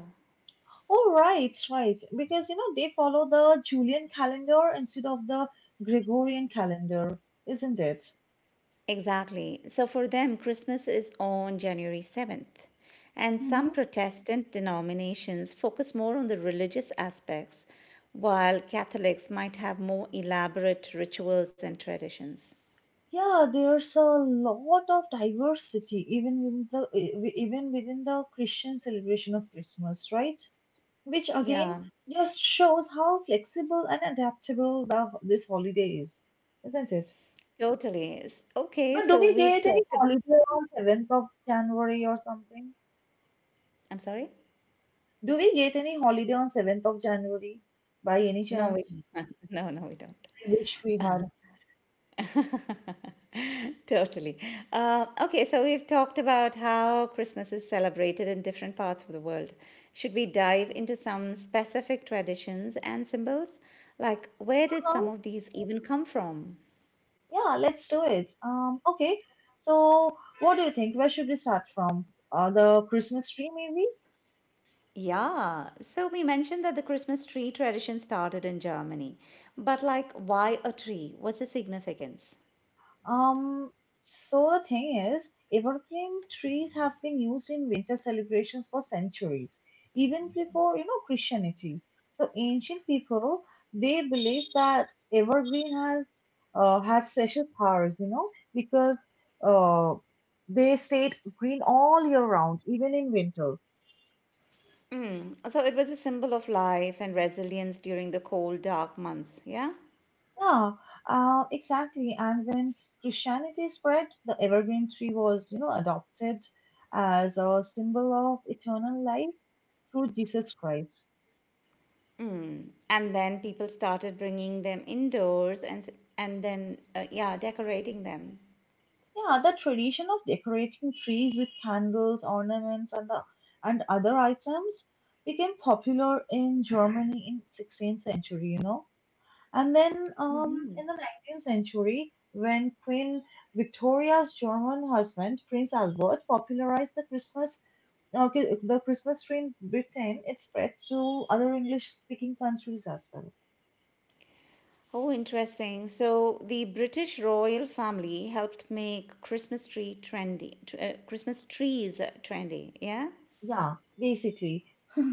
Oh, right, right. Because, you know, they follow the Julian calendar instead of the Gregorian calendar, isn't it? Exactly. So for them, Christmas is on January seventh. And some Protestant denominations focus more on the religious aspects, while Catholics might have more elaborate rituals and traditions. Yeah, there's a lot of diversity even in the e- even within the Christian celebration of Christmas, right? Which again Yeah, just shows how flexible and adaptable the, this holiday is, isn't it? totally. S- Okay, But do so we we've get any talked. ab- holiday on seventh of January or something? I'm sorry? Do we get any holiday on seventh of January by any No, we chance? no, no, we don't. I wish we had. Totally. Uh, okay, so we've talked about how Christmas is celebrated in different parts of the world. Should we dive into some specific traditions and symbols? Like, where did some of these even come from? Yeah, let's do it. Um, okay. So, what do you think? Where should we start from? Uh, the Christmas tree, maybe? Yeah, so we mentioned that the Christmas tree tradition started in Germany, but like, why a tree? What's the significance? Um, so the thing is, evergreen trees have been used in winter celebrations for centuries, even before, you know, Christianity. So ancient people, they believed that evergreen has uh, had special powers, you know, because uh, they stayed green all year round, even in winter. Mm. So it was a symbol of life and resilience during the cold, dark months. Yeah. Yeah, uh, exactly. And when Christianity spread, the evergreen tree was, you know, adopted as a symbol of eternal life through Jesus Christ. Mm. And then people started bringing them indoors and s- and then uh, yeah, decorating them. Yeah, the tradition of decorating trees with candles, ornaments, and the and other items became popular in Germany in sixteenth century, you know. And then um, in the nineteenth century, when Queen Victoria's German husband, Prince Albert, popularized the Christmas Okay, the Christmas tree in Britain, it spread to other English speaking countries as well. Oh, interesting. So the British royal family helped make Christmas tree trendy, tr- uh, Christmas trees uh, trendy. Yeah. Yeah, basically.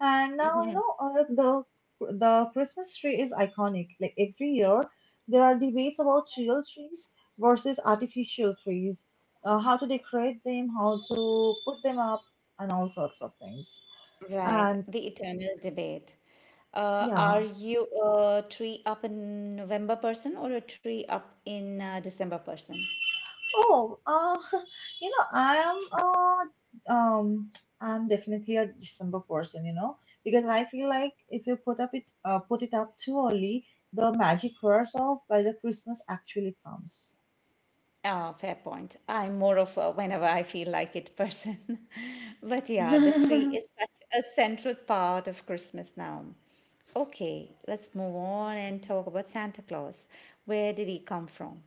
And now, you know, uh, the the Christmas tree is iconic. Like every year, there are debates about real trees versus artificial trees, uh, how to decorate them, how to put them up, and all sorts of things. Right. And The eternal debate. Uh, are yeah, you a tree up in November person or a tree up in uh, December person? Oh, uh, you know, I'm uh, um, I'm definitely a December person, you know, because I feel like if you put up it uh, put it up too early, the magic wears off by the Christmas actually comes. Ah, fair point. I'm more of a whenever I feel like it person. But yeah, the tree is such a central part of Christmas now. Okay, let's move on and talk about Santa Claus. Where did he come from?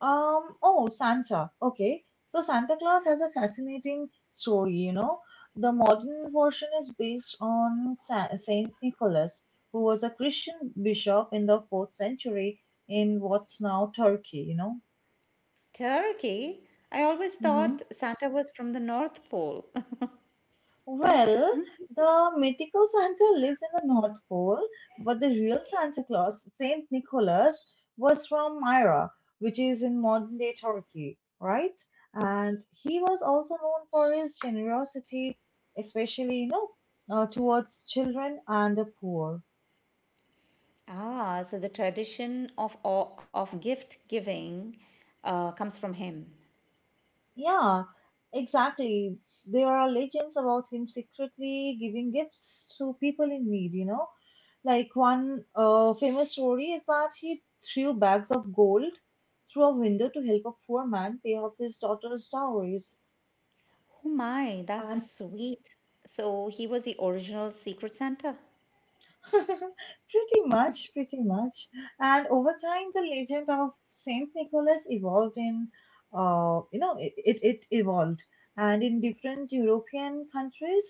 Um, oh, Santa. Okay. So Santa Claus has a fascinating story, you know. The modern version is based on Sa- Saint Nicholas, who was a Christian bishop in the fourth century in what's now Turkey, you know. Turkey? I always Mhm. thought Santa was from the North Pole. Well, the mythical Santa lives in the North Pole, but the real Santa Claus, Saint Nicholas, was from Myra, which is in modern day Turkey, right? And he was also known for his generosity, especially, you know, uh, towards children and the poor. Ah, so the tradition of of gift giving uh, comes from him. Yeah, exactly. There are legends about him secretly giving gifts to people in need, you know. Like one uh, famous story is that he threw bags of gold through a window to help a poor man pay off his daughter's dowries. Oh my, And that's sweet. So he was the original Secret Santa. pretty much, pretty much. And over time, the legend of Saint Nicholas evolved in, uh, you know, it, it, it evolved. And in different European countries,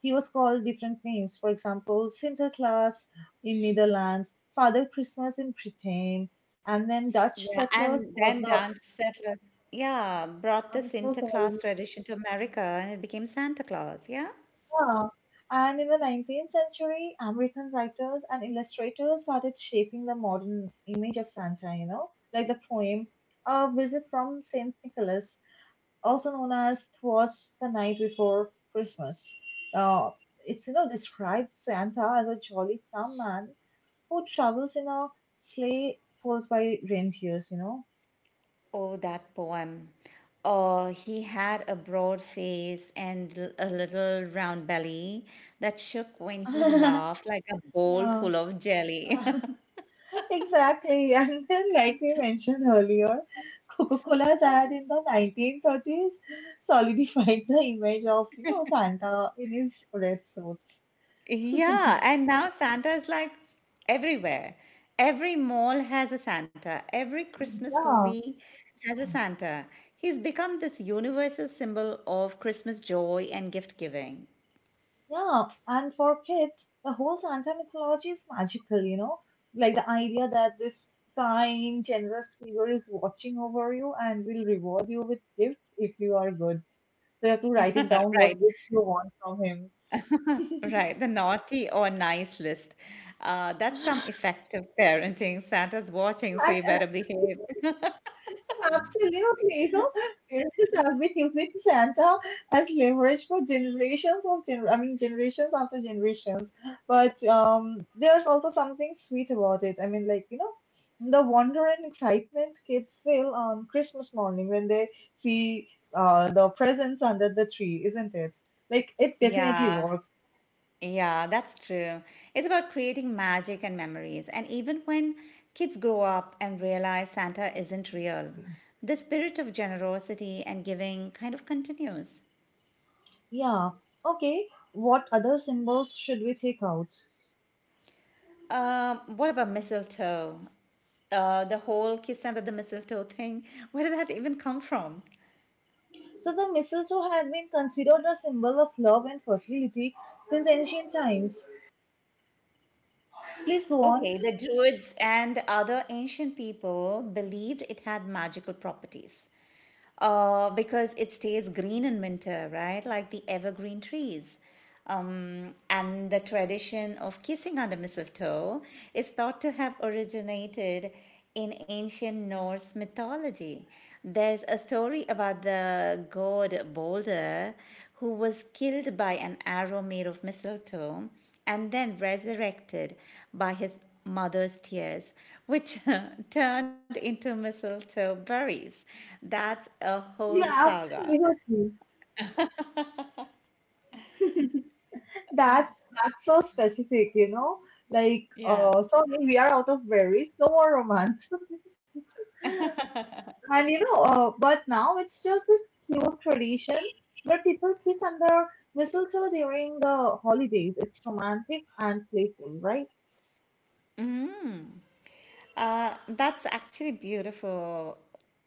he was called different names. For example, Sinterklaas in Netherlands, Father Christmas in Britain, and then Dutch Yeah, settlers and then brought the Dutch settlers, yeah, brought the I'm so Santa Claus sorry. tradition to America and it became Santa Claus, yeah? Yeah. And in the nineteenth century, American writers and illustrators started shaping the modern image of Santa, you know, like the poem A Visit from Saint Nicholas, also known as Twas the Night Before Christmas. Uh, it's, you know, describes Santa as a jolly plum man who travels in a sleigh pulled by reindeers, you know. Oh, that poem. Oh, he had a broad face and l- a little round belly that shook when he laughed like a bowl Yeah. full of jelly. Exactly. And then, like we mentioned earlier, Coca Cola's ad in the nineteen thirties solidified the image of, you know, Santa in his red suits. Yeah, and now Santa is like everywhere. Every mall has a Santa. Every Christmas Yeah, movie has a Santa. He's become this universal symbol of Christmas joy and gift giving. yeah. And for kids, the whole Santa mythology is magical, you know? Like the idea that this kind, generous figure is watching over you and will reward you with gifts if you are good. So you have to write it down Right, what gifts you want from him. right. The naughty or nice list. Uh, that's some effective parenting. Santa's watching, so you And better behave. Absolutely, you know, parents have been using Santa as leverage for generations of gener- I mean generations after generations. But um, there's also something sweet about it. I mean, like you know, the wonder and excitement kids feel on Christmas morning when they see uh the presents under the tree, isn't it? Like it definitely Yeah. works. Yeah, that's true. It's about creating magic and memories. And even when kids grow up and realize Santa isn't real, the spirit of generosity and giving kind of continues. Yeah. Okay. What other symbols should we take out? Um, what about mistletoe? Uh, the whole kiss under the mistletoe thing, where did that even come from? So the mistletoe had been considered a symbol of love and fertility since ancient times. Please go on. Okay, the Druids and other ancient people believed it had magical properties uh, because it stays green in winter, right? Like the evergreen trees. Um, and the tradition of kissing under mistletoe is thought to have originated in ancient Norse mythology. There's a story about the god Balder who was killed by an arrow made of mistletoe and then resurrected by his mother's tears, which turned into mistletoe berries. That's a whole Yeah, saga. absolutely. That that's so specific, you know. Like, Yeah. uh, sorry, we are out of berries, no more romance. And you know, uh, but now it's just this cute tradition where people kiss under mistletoe during the holidays. It's romantic and playful, right? Uh, that's actually beautiful,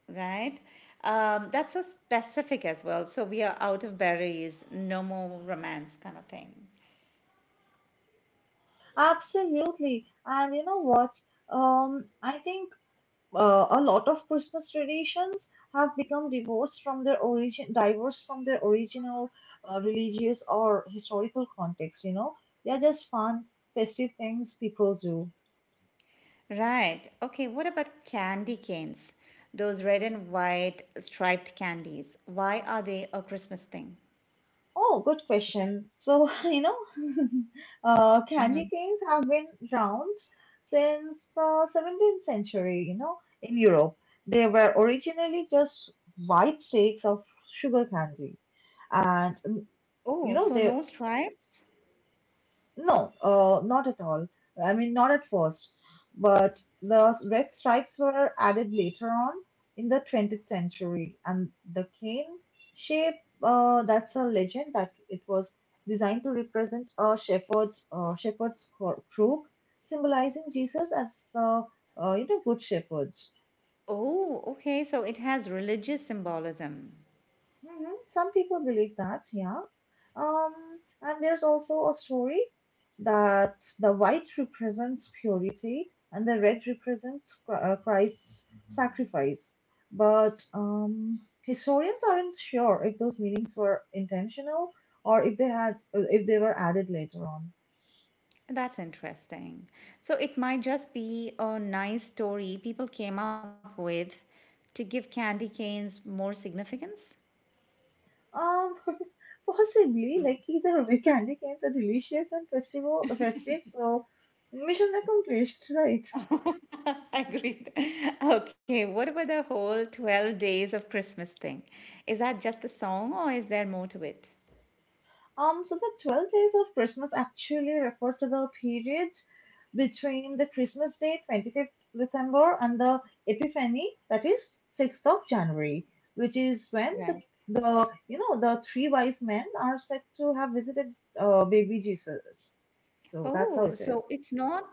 right? Um, that's so specific as well. So we are out of berries, no more romance kind of thing. Absolutely. And you know what? Um, I think uh, a lot of Christmas traditions have become divorced from their origin, divorced from their original uh, religious or historical context. You know, they are just fun, festive things people do. Right. Okay, what about candy canes? Those red and white striped candies. Why are they a Christmas thing? Oh, good question. So you know, uh, candy canes have been around since the seventeenth century. You know, in Europe, they were originally just white cakes of sugar candy, and mm, you Oh, know so they no stripes? No, uh, not at all. I mean, not at first, but the red stripes were added later on in the twentieth century, and the cane shape, uh, that's a legend that it was designed to represent a shepherd's uh, shepherd's cro- crook, symbolizing Jesus as the uh, you know good shepherd. Oh, okay. So it has religious symbolism. Hmm Some people believe that, yeah. Um, and there's also a story that the white represents purity and the red represents Chri- uh, Christ's sacrifice. But um, historians aren't sure if those meanings were intentional or if they had uh, if they were added later on. That's interesting. So it might just be a nice story people came up with to give candy canes more significance. Um, possibly, like either way, candy canes are delicious and festival festive, so mission accomplished, right? Agreed. Okay, what about the whole twelve days of Christmas thing? Is that just a song or is there more to it? Um, so the twelve days of Christmas actually refer to the period between the Christmas Day, the twenty-fifth of December, and the Epiphany, that is the sixth of January, which is when the, Right. the you know the three wise men are said to have visited uh, baby Jesus. So that's how Oh, it so is. it's not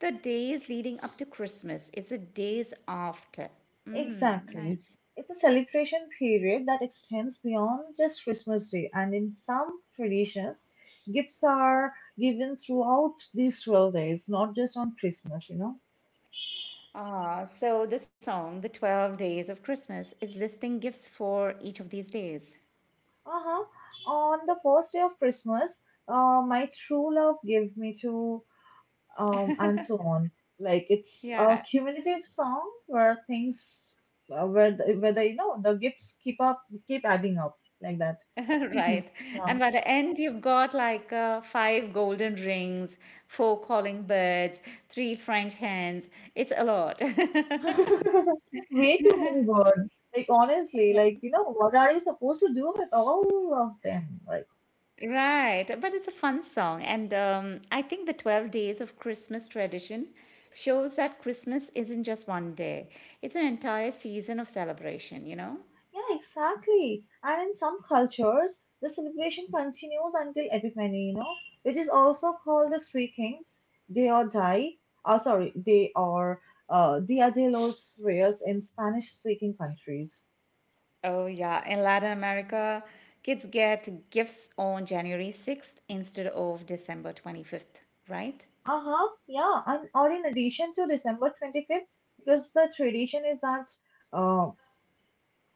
the days leading up to Christmas, it's the days after. Mm, Exactly. nice. It's a celebration period that extends beyond just Christmas Day, and in some traditions, gifts are given throughout these twelve days, not just on Christmas, you know. Ah, so the song, The twelve Days of Christmas, is listing gifts for each of these days. Uh huh. On the first day of Christmas, uh, my true love gave me to, um, and so on. Like it's a Yeah, cumulative song where things, uh, where the, where the, you know the gifts keep up, keep adding up like that. right. Yeah. And by the end, you've got like uh, five golden rings, four calling birds, three French hens. It's a lot. Way too many words. Like honestly, like you know, what are you supposed to do with all of them? Like Right, but it's a fun song, and um, I think the twelve days of Christmas tradition shows that Christmas isn't just one day, it's an entire season of celebration, you know? yeah, exactly. And in some cultures, the celebration continues until Epiphany. You know, which is also called the Three Kings. They or die. Oh, sorry, they are uh, Dia de los Reyes in Spanish-speaking countries. Oh, yeah. In Latin America, kids get gifts on January sixth instead of December twenty-fifth, right? Uh huh. Yeah, and or in addition to December twenty-fifth, because the tradition is that. uh,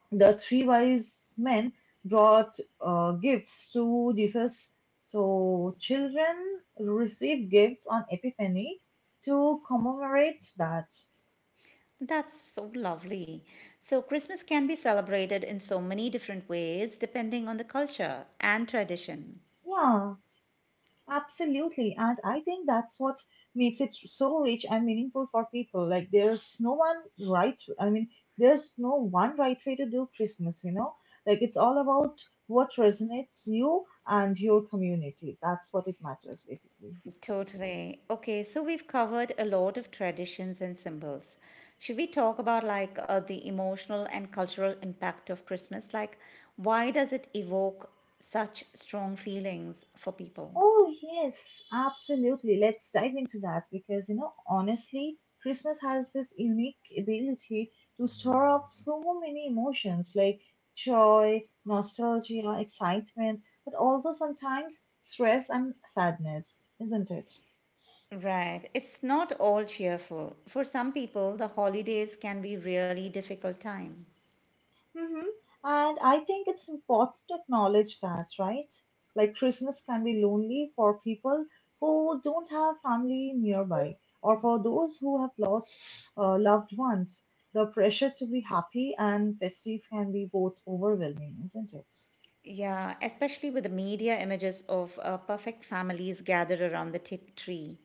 the three wise men brought uh, gifts to Jesus. So children receive gifts on Epiphany to commemorate that. That's so lovely. So, Christmas can be celebrated in so many different ways depending on the culture and tradition. Yeah, absolutely. And I think that's what makes it so rich and meaningful for people. Like there's no one right, I mean, there's no one right way to do Christmas, you know? Like it's all about what resonates you and your community. That's what it matters basically. Totally. Okay, so we've covered a lot of traditions and symbols. Should we talk about like uh, the emotional and cultural impact of Christmas? Like, why does it evoke such strong feelings for people? Oh, yes, absolutely. Let's dive into that because, you know, honestly, Christmas has this unique ability to store up so many emotions like joy, nostalgia, excitement, but also sometimes stress and sadness, isn't it? Right. It's not all cheerful. For some people, the holidays can be really difficult time. Mm-hmm. And I think it's important to acknowledge that, right? Like Christmas can be lonely for people who don't have family nearby, or for those who have lost uh, loved ones. The pressure to be happy and festive can be both overwhelming, isn't it? Yeah, especially with the media images of uh, perfect families gathered around the t- tree,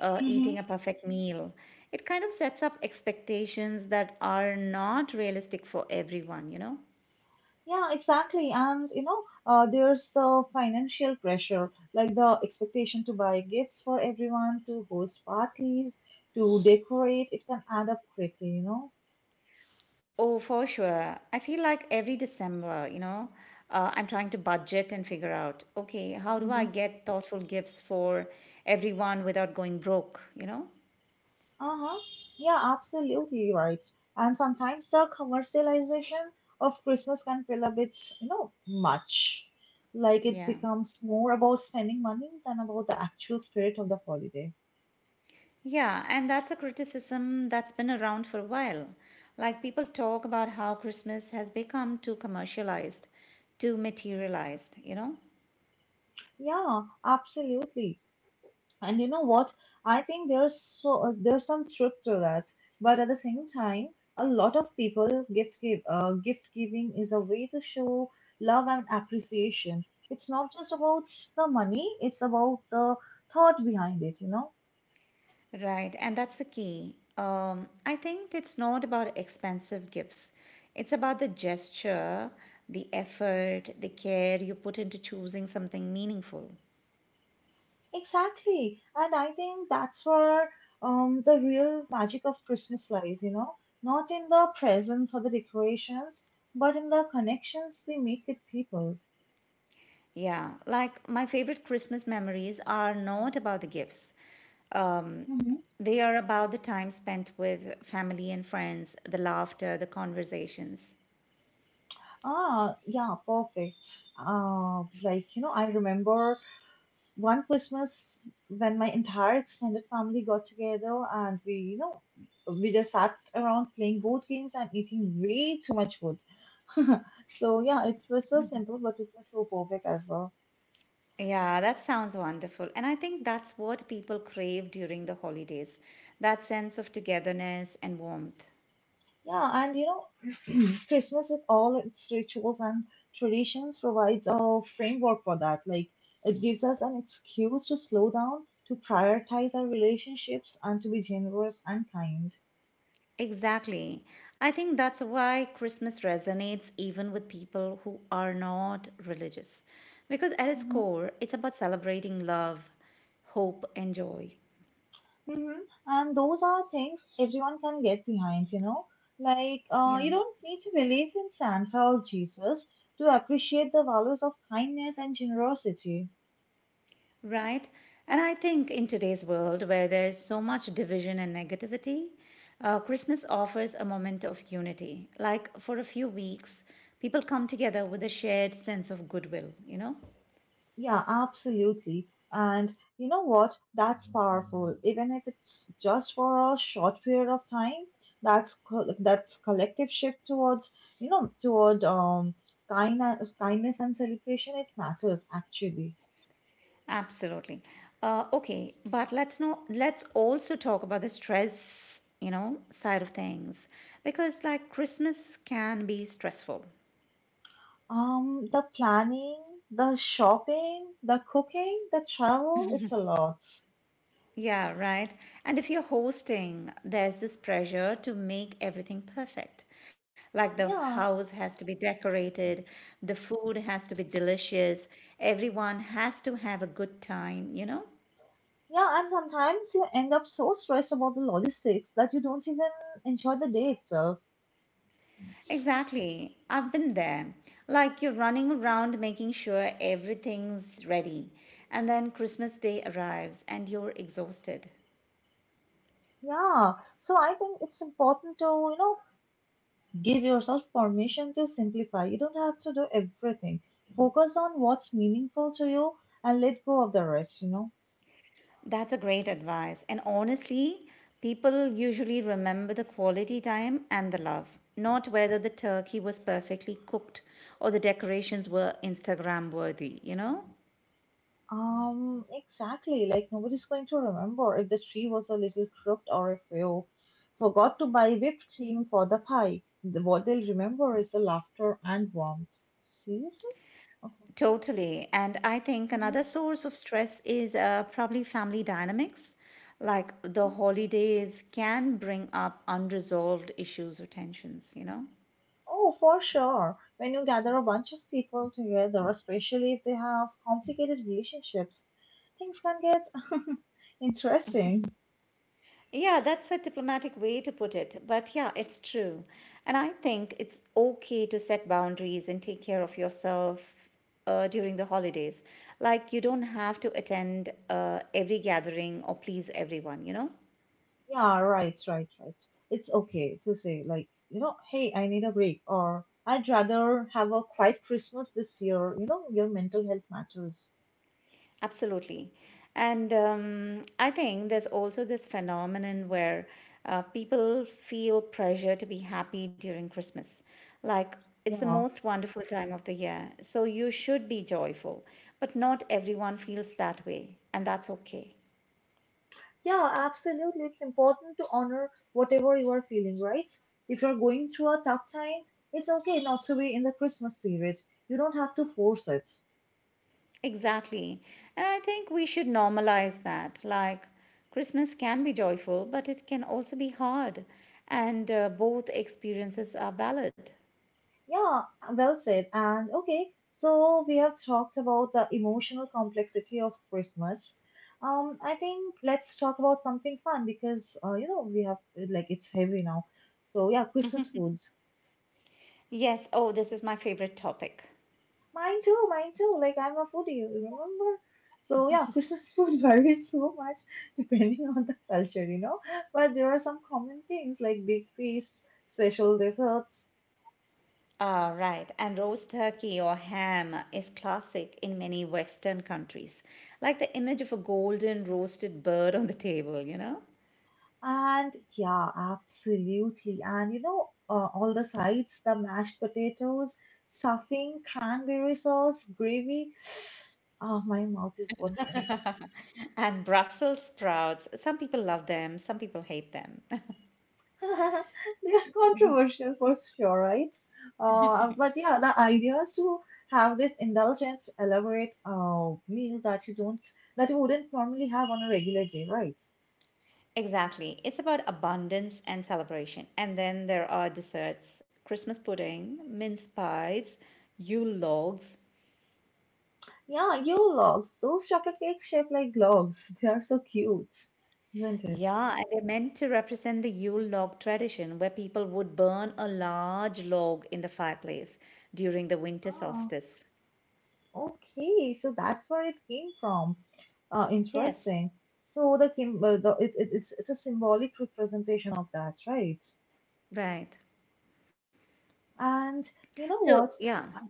uh, eating a Mm-hmm. perfect meal. It kind of sets up expectations that are not realistic for everyone, you know? Yeah, exactly. And you know, uh, there's the financial pressure, like the expectation to buy gifts for everyone, to host parties, to decorate. It can add up quickly, you know. Oh, for sure. I feel like every December, you know, uh, I'm trying to budget and figure out, okay, how do I get thoughtful gifts for everyone without going broke, you know? Uh-huh. Yeah, absolutely right. And sometimes the commercialization of Christmas can feel a bit, you know, much. Like it Yeah. becomes more about spending money than about the actual spirit of the holiday. Yeah, and that's a criticism that's been around for a while. Like people talk about how Christmas has become too commercialized, too materialized, you know? Yeah, absolutely. And you know what? I think there's so uh, there's some truth to that, but at the same time, a lot of people gift give uh, gift giving is a way to show love and appreciation. It's not just about the money; it's about the thought behind it. You know Right, and that's the key. Um, I think it's not about expensive gifts, it's about the gesture, the effort, the care you put into choosing something meaningful. exactly, and I think that's where um the real magic of Christmas lies. You know, not in the presents or the decorations, but in the connections we make with people. Yeah, like my favorite Christmas memories are not about the gifts. Um, they are about the time spent with family and friends, the laughter, the conversations. Ah, yeah, perfect. Uh, like, you know, I remember one Christmas when my entire extended family got together and we, you know, we just sat around playing board games and eating way too much food. So, yeah, it was so simple, but it was so perfect as well. Yeah, that sounds wonderful. And I think that's what people crave during the holidays, that sense of togetherness and warmth. Yeah, and you know, Christmas with all its rituals and traditions provides a framework for that. Like, it gives us an excuse to slow down, to prioritize our relationships, and to be generous and kind. Exactly. I think that's why Christmas resonates even with people who are not religious, because at its Hmm core, it's about celebrating love, hope, and joy. hmm And those are things everyone can get behind, you know? Like, uh, Yeah. you don't need to believe in Santa or Jesus to appreciate the values of kindness and generosity. Right. And I think in today's world where there's so much division and negativity, uh, Christmas offers a moment of unity. Like for a few weeks, people come together with a shared sense of goodwill, you know? Yeah, absolutely. And you know what? That's powerful. Even if it's just for a short period of time, that's co- that's collective shift towards, you know, toward um kind kindness and celebration. It matters actually. Absolutely. Uh, okay, but let's not let's also talk about the stress, you know, side of things because, like, Christmas can be stressful. Um, the planning, the shopping, the cooking, the travel, it's a lot. Yeah, right. And if you're hosting, there's this pressure to make everything perfect. Like, the Yeah. house has to be decorated, the food has to be delicious, everyone has to have a good time, you know? Yeah, and sometimes you end up so stressed about the logistics that you don't even enjoy the day itself. Exactly. I've been there. Like, you're running around making sure everything's ready. And then Christmas Day arrives and you're exhausted. Yeah, so I think it's important to, you know, give yourself permission to simplify. You don't have to do everything. Focus on what's meaningful to you and let go of the rest, you know. That's a great advice. And honestly, people usually remember the quality time and the love, not whether the turkey was perfectly cooked or the decorations were Instagram worthy, you know? Um, exactly. Like nobody's going to remember if the tree was a little crooked or if you forgot to buy whipped cream for the pie. The, what they'll remember is the laughter and warmth. Seriously? Okay. Totally. And I think Mm-hmm. Mm-hmm. another source of stress is uh, probably family dynamics. Like, the holidays can bring up unresolved issues or tensions, you know? Oh, for sure. When you gather a bunch of people together, especially if they have complicated relationships, things can get interesting. Yeah, that's a diplomatic way to put it. But yeah, it's true. And I think it's okay to set boundaries and take care of yourself uh, during the holidays. Like, you don't have to attend uh, every gathering or please everyone, you know? Yeah, right, right, right. It's okay to say, like, you know, hey, I need a break, or I'd rather have a quiet Christmas this year. You know, your mental health matters. Absolutely. And um, I think there's also this phenomenon where uh, people feel pressure to be happy during Christmas. Like, it's the Yeah, most wonderful time of the year, so you should be joyful. But not everyone feels that way, and that's okay. yeah, absolutely. It's important to honor whatever you are feeling, right? If you're going through a tough time, it's okay not to be in the Christmas period. You don't have to force it. Exactly. And I think we should normalize that. Like, Christmas can be joyful, but it can also be hard, and uh, both experiences are valid. Yeah, well said. And okay, so we have talked about the emotional complexity of Christmas. Um, I think let's talk about something fun because uh, you know, we have like it's heavy now. So yeah, Christmas foods. Yes, oh, this is my favorite topic. Mine too, mine too. Like I'm a foodie, remember? So yeah, Christmas food varies so much depending on the culture, you know. But there are some common things like big feasts, special desserts. Ah, right. And roast turkey or ham is classic in many Western countries, like the image of a golden roasted bird on the table, you know? And yeah, absolutely. And you know, uh, all the sides, the mashed potatoes, stuffing, cranberry sauce, gravy. Ah, my mouth is watering. And Brussels sprouts, some people love them, some people hate them. They are controversial for sure, right? Uh, but yeah, the idea is to have this indulgent, elaborate uh, meal that you don't, that you wouldn't normally have on a regular day, right? Exactly. It's about abundance and celebration. And then there are desserts: Christmas pudding, mince pies, Yule logs. Yeah, yule logs. Those chocolate cakes shaped like logs. They are so cute, isn't it? Yeah, and they're meant to represent the Yule log tradition, where people would burn a large log in the fireplace during the winter Ah. solstice. Okay, so that's where it came from. Uh, Yes. Interesting. So the kim uh, the it, it, it's it's a symbolic representation of that, right? Right. And you know So what? yeah, Uh,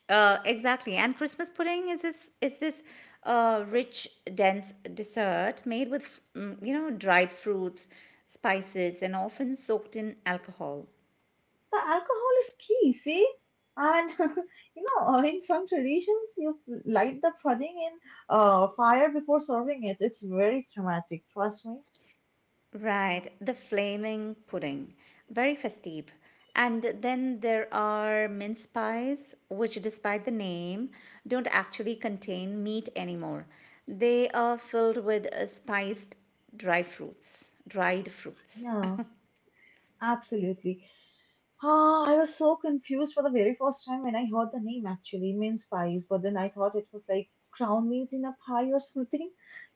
uh, exactly. And Christmas pudding is this is this uh, rich, dense dessert made with mm, you know dried fruits, spices, and often soaked in alcohol. The alcohol is key, see? And you know, uh, in some traditions, you light the pudding in uh, fire before serving it. It's very dramatic, trust me. Right, the flaming pudding, very festive. And then there are mince pies, which, despite the name, don't actually contain meat anymore. They are filled with uh, spiced dry fruits, dried fruits. Yeah, absolutely. Ah, I was so confused for the very first time when I heard the name actually it means pies, but then I thought it was like crown meat in a pie or something.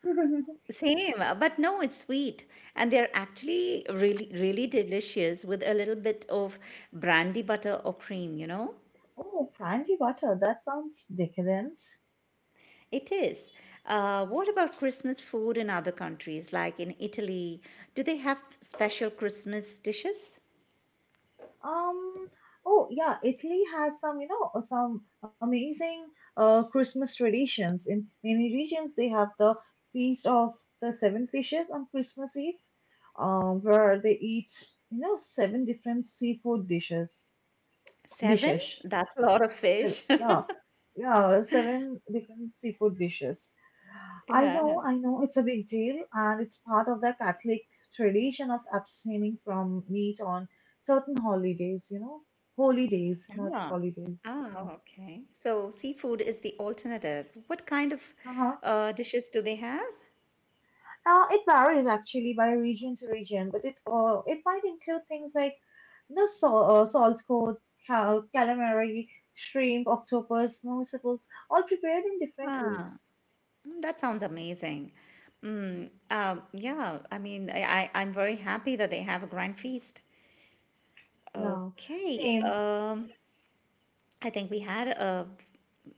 Same, uh, but no, it's sweet. And they're actually really, really delicious with a little bit of brandy butter or cream, you know? Oh, brandy butter. That sounds decadent. It is. Uh, what about Christmas food in other countries, like in Italy? Do they have special Christmas dishes? Um, oh yeah, Italy has some, you know, some amazing uh Christmas traditions. In many regions, they have the feast of the seven fishes on Christmas Eve, um, where they eat, you know, seven different seafood dishes. Seven? Dishes. That's a lot of So, fish. yeah, yeah, seven different seafood dishes. I know, Yeah. I know, it's a big deal, and it's part of the Catholic tradition of abstaining from meat on certain holidays, you know, holy days, not Yeah. holidays. Yeah. Ah, okay. So seafood is the alternative. What kind of Uh-huh. uh, dishes do they have? Uh, it varies actually by region to region, but it uh, it might include things like you know, sal- uh, salt cod, cal- calamari, shrimp, octopus, mussels, all prepared in different Ah, ways. mm, that sounds amazing. Mm, um, yeah, I mean, I, I, I'm very happy that they have a grand feast. Yeah, Okay, same. um, I think we had a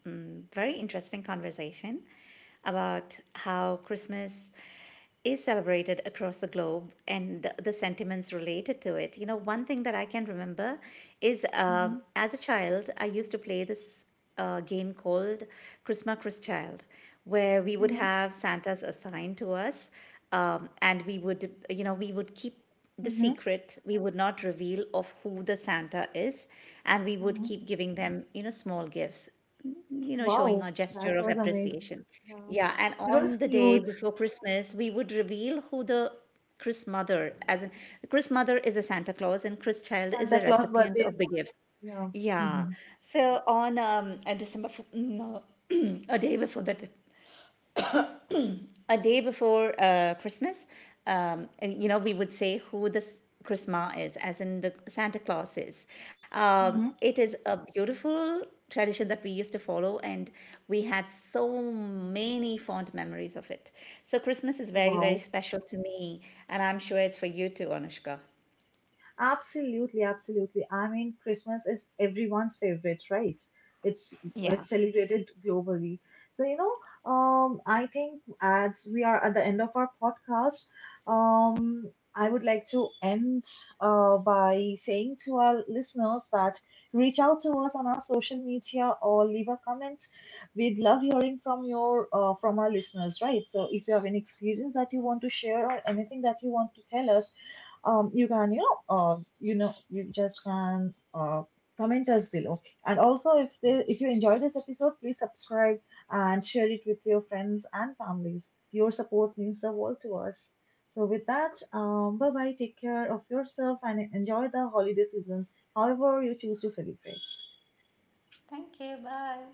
mm, very interesting conversation about how Christmas is celebrated across the globe and the sentiments related to it. You know, one thing that I can remember is, um Mm-hmm, as a child, I used to play this uh, game called Chrisma Chris Child, where we would mm-hmm, have Santas assigned to us, um, and we would, you know, we would keep the mm-hmm, secret, we would not reveal of who the santa is, and we would mm-hmm. keep giving them, you know, small gifts, you know, showing Wow, our that gesture of was amazing. appreciation. Yeah. Yeah, and It was on the day cute. before Christmas, we would reveal who the Chris mother, as in Chris mother is a Santa Claus and Chris child is Santa a Claus, but recipient in of the gifts. yeah. Yeah. Mm-hmm. So on, um, uh, December, f- no, a day before that, a day before uh, Christmas, um, you know, we would say who this Christmas is, as in the Santa Claus is. Um, Mm-hmm. it is a beautiful tradition that we used to follow, and we had so many fond memories of it. So Christmas is very, very Wow. special to me, and I'm sure it's for you too, Anushka. Absolutely, absolutely. I mean, Christmas is everyone's favorite, right? It's Yeah. it's celebrated globally. So, you know, um, I think as we are at the end of our podcast, um, I would like to end uh, by saying to our listeners that reach out to us on our social media or leave a comment. We'd love hearing from your uh, from our listeners, right? So, if you have any experience that you want to share or anything that you want to tell us, um, you can, you know uh, you know, you just can uh, comment us below. And also, if the, if you enjoy this episode, please subscribe and share it with your friends and families. Your support means the world to us. So with that, um, bye bye. Take care of yourself and enjoy the holiday season, however you choose to celebrate. Thank you. Bye.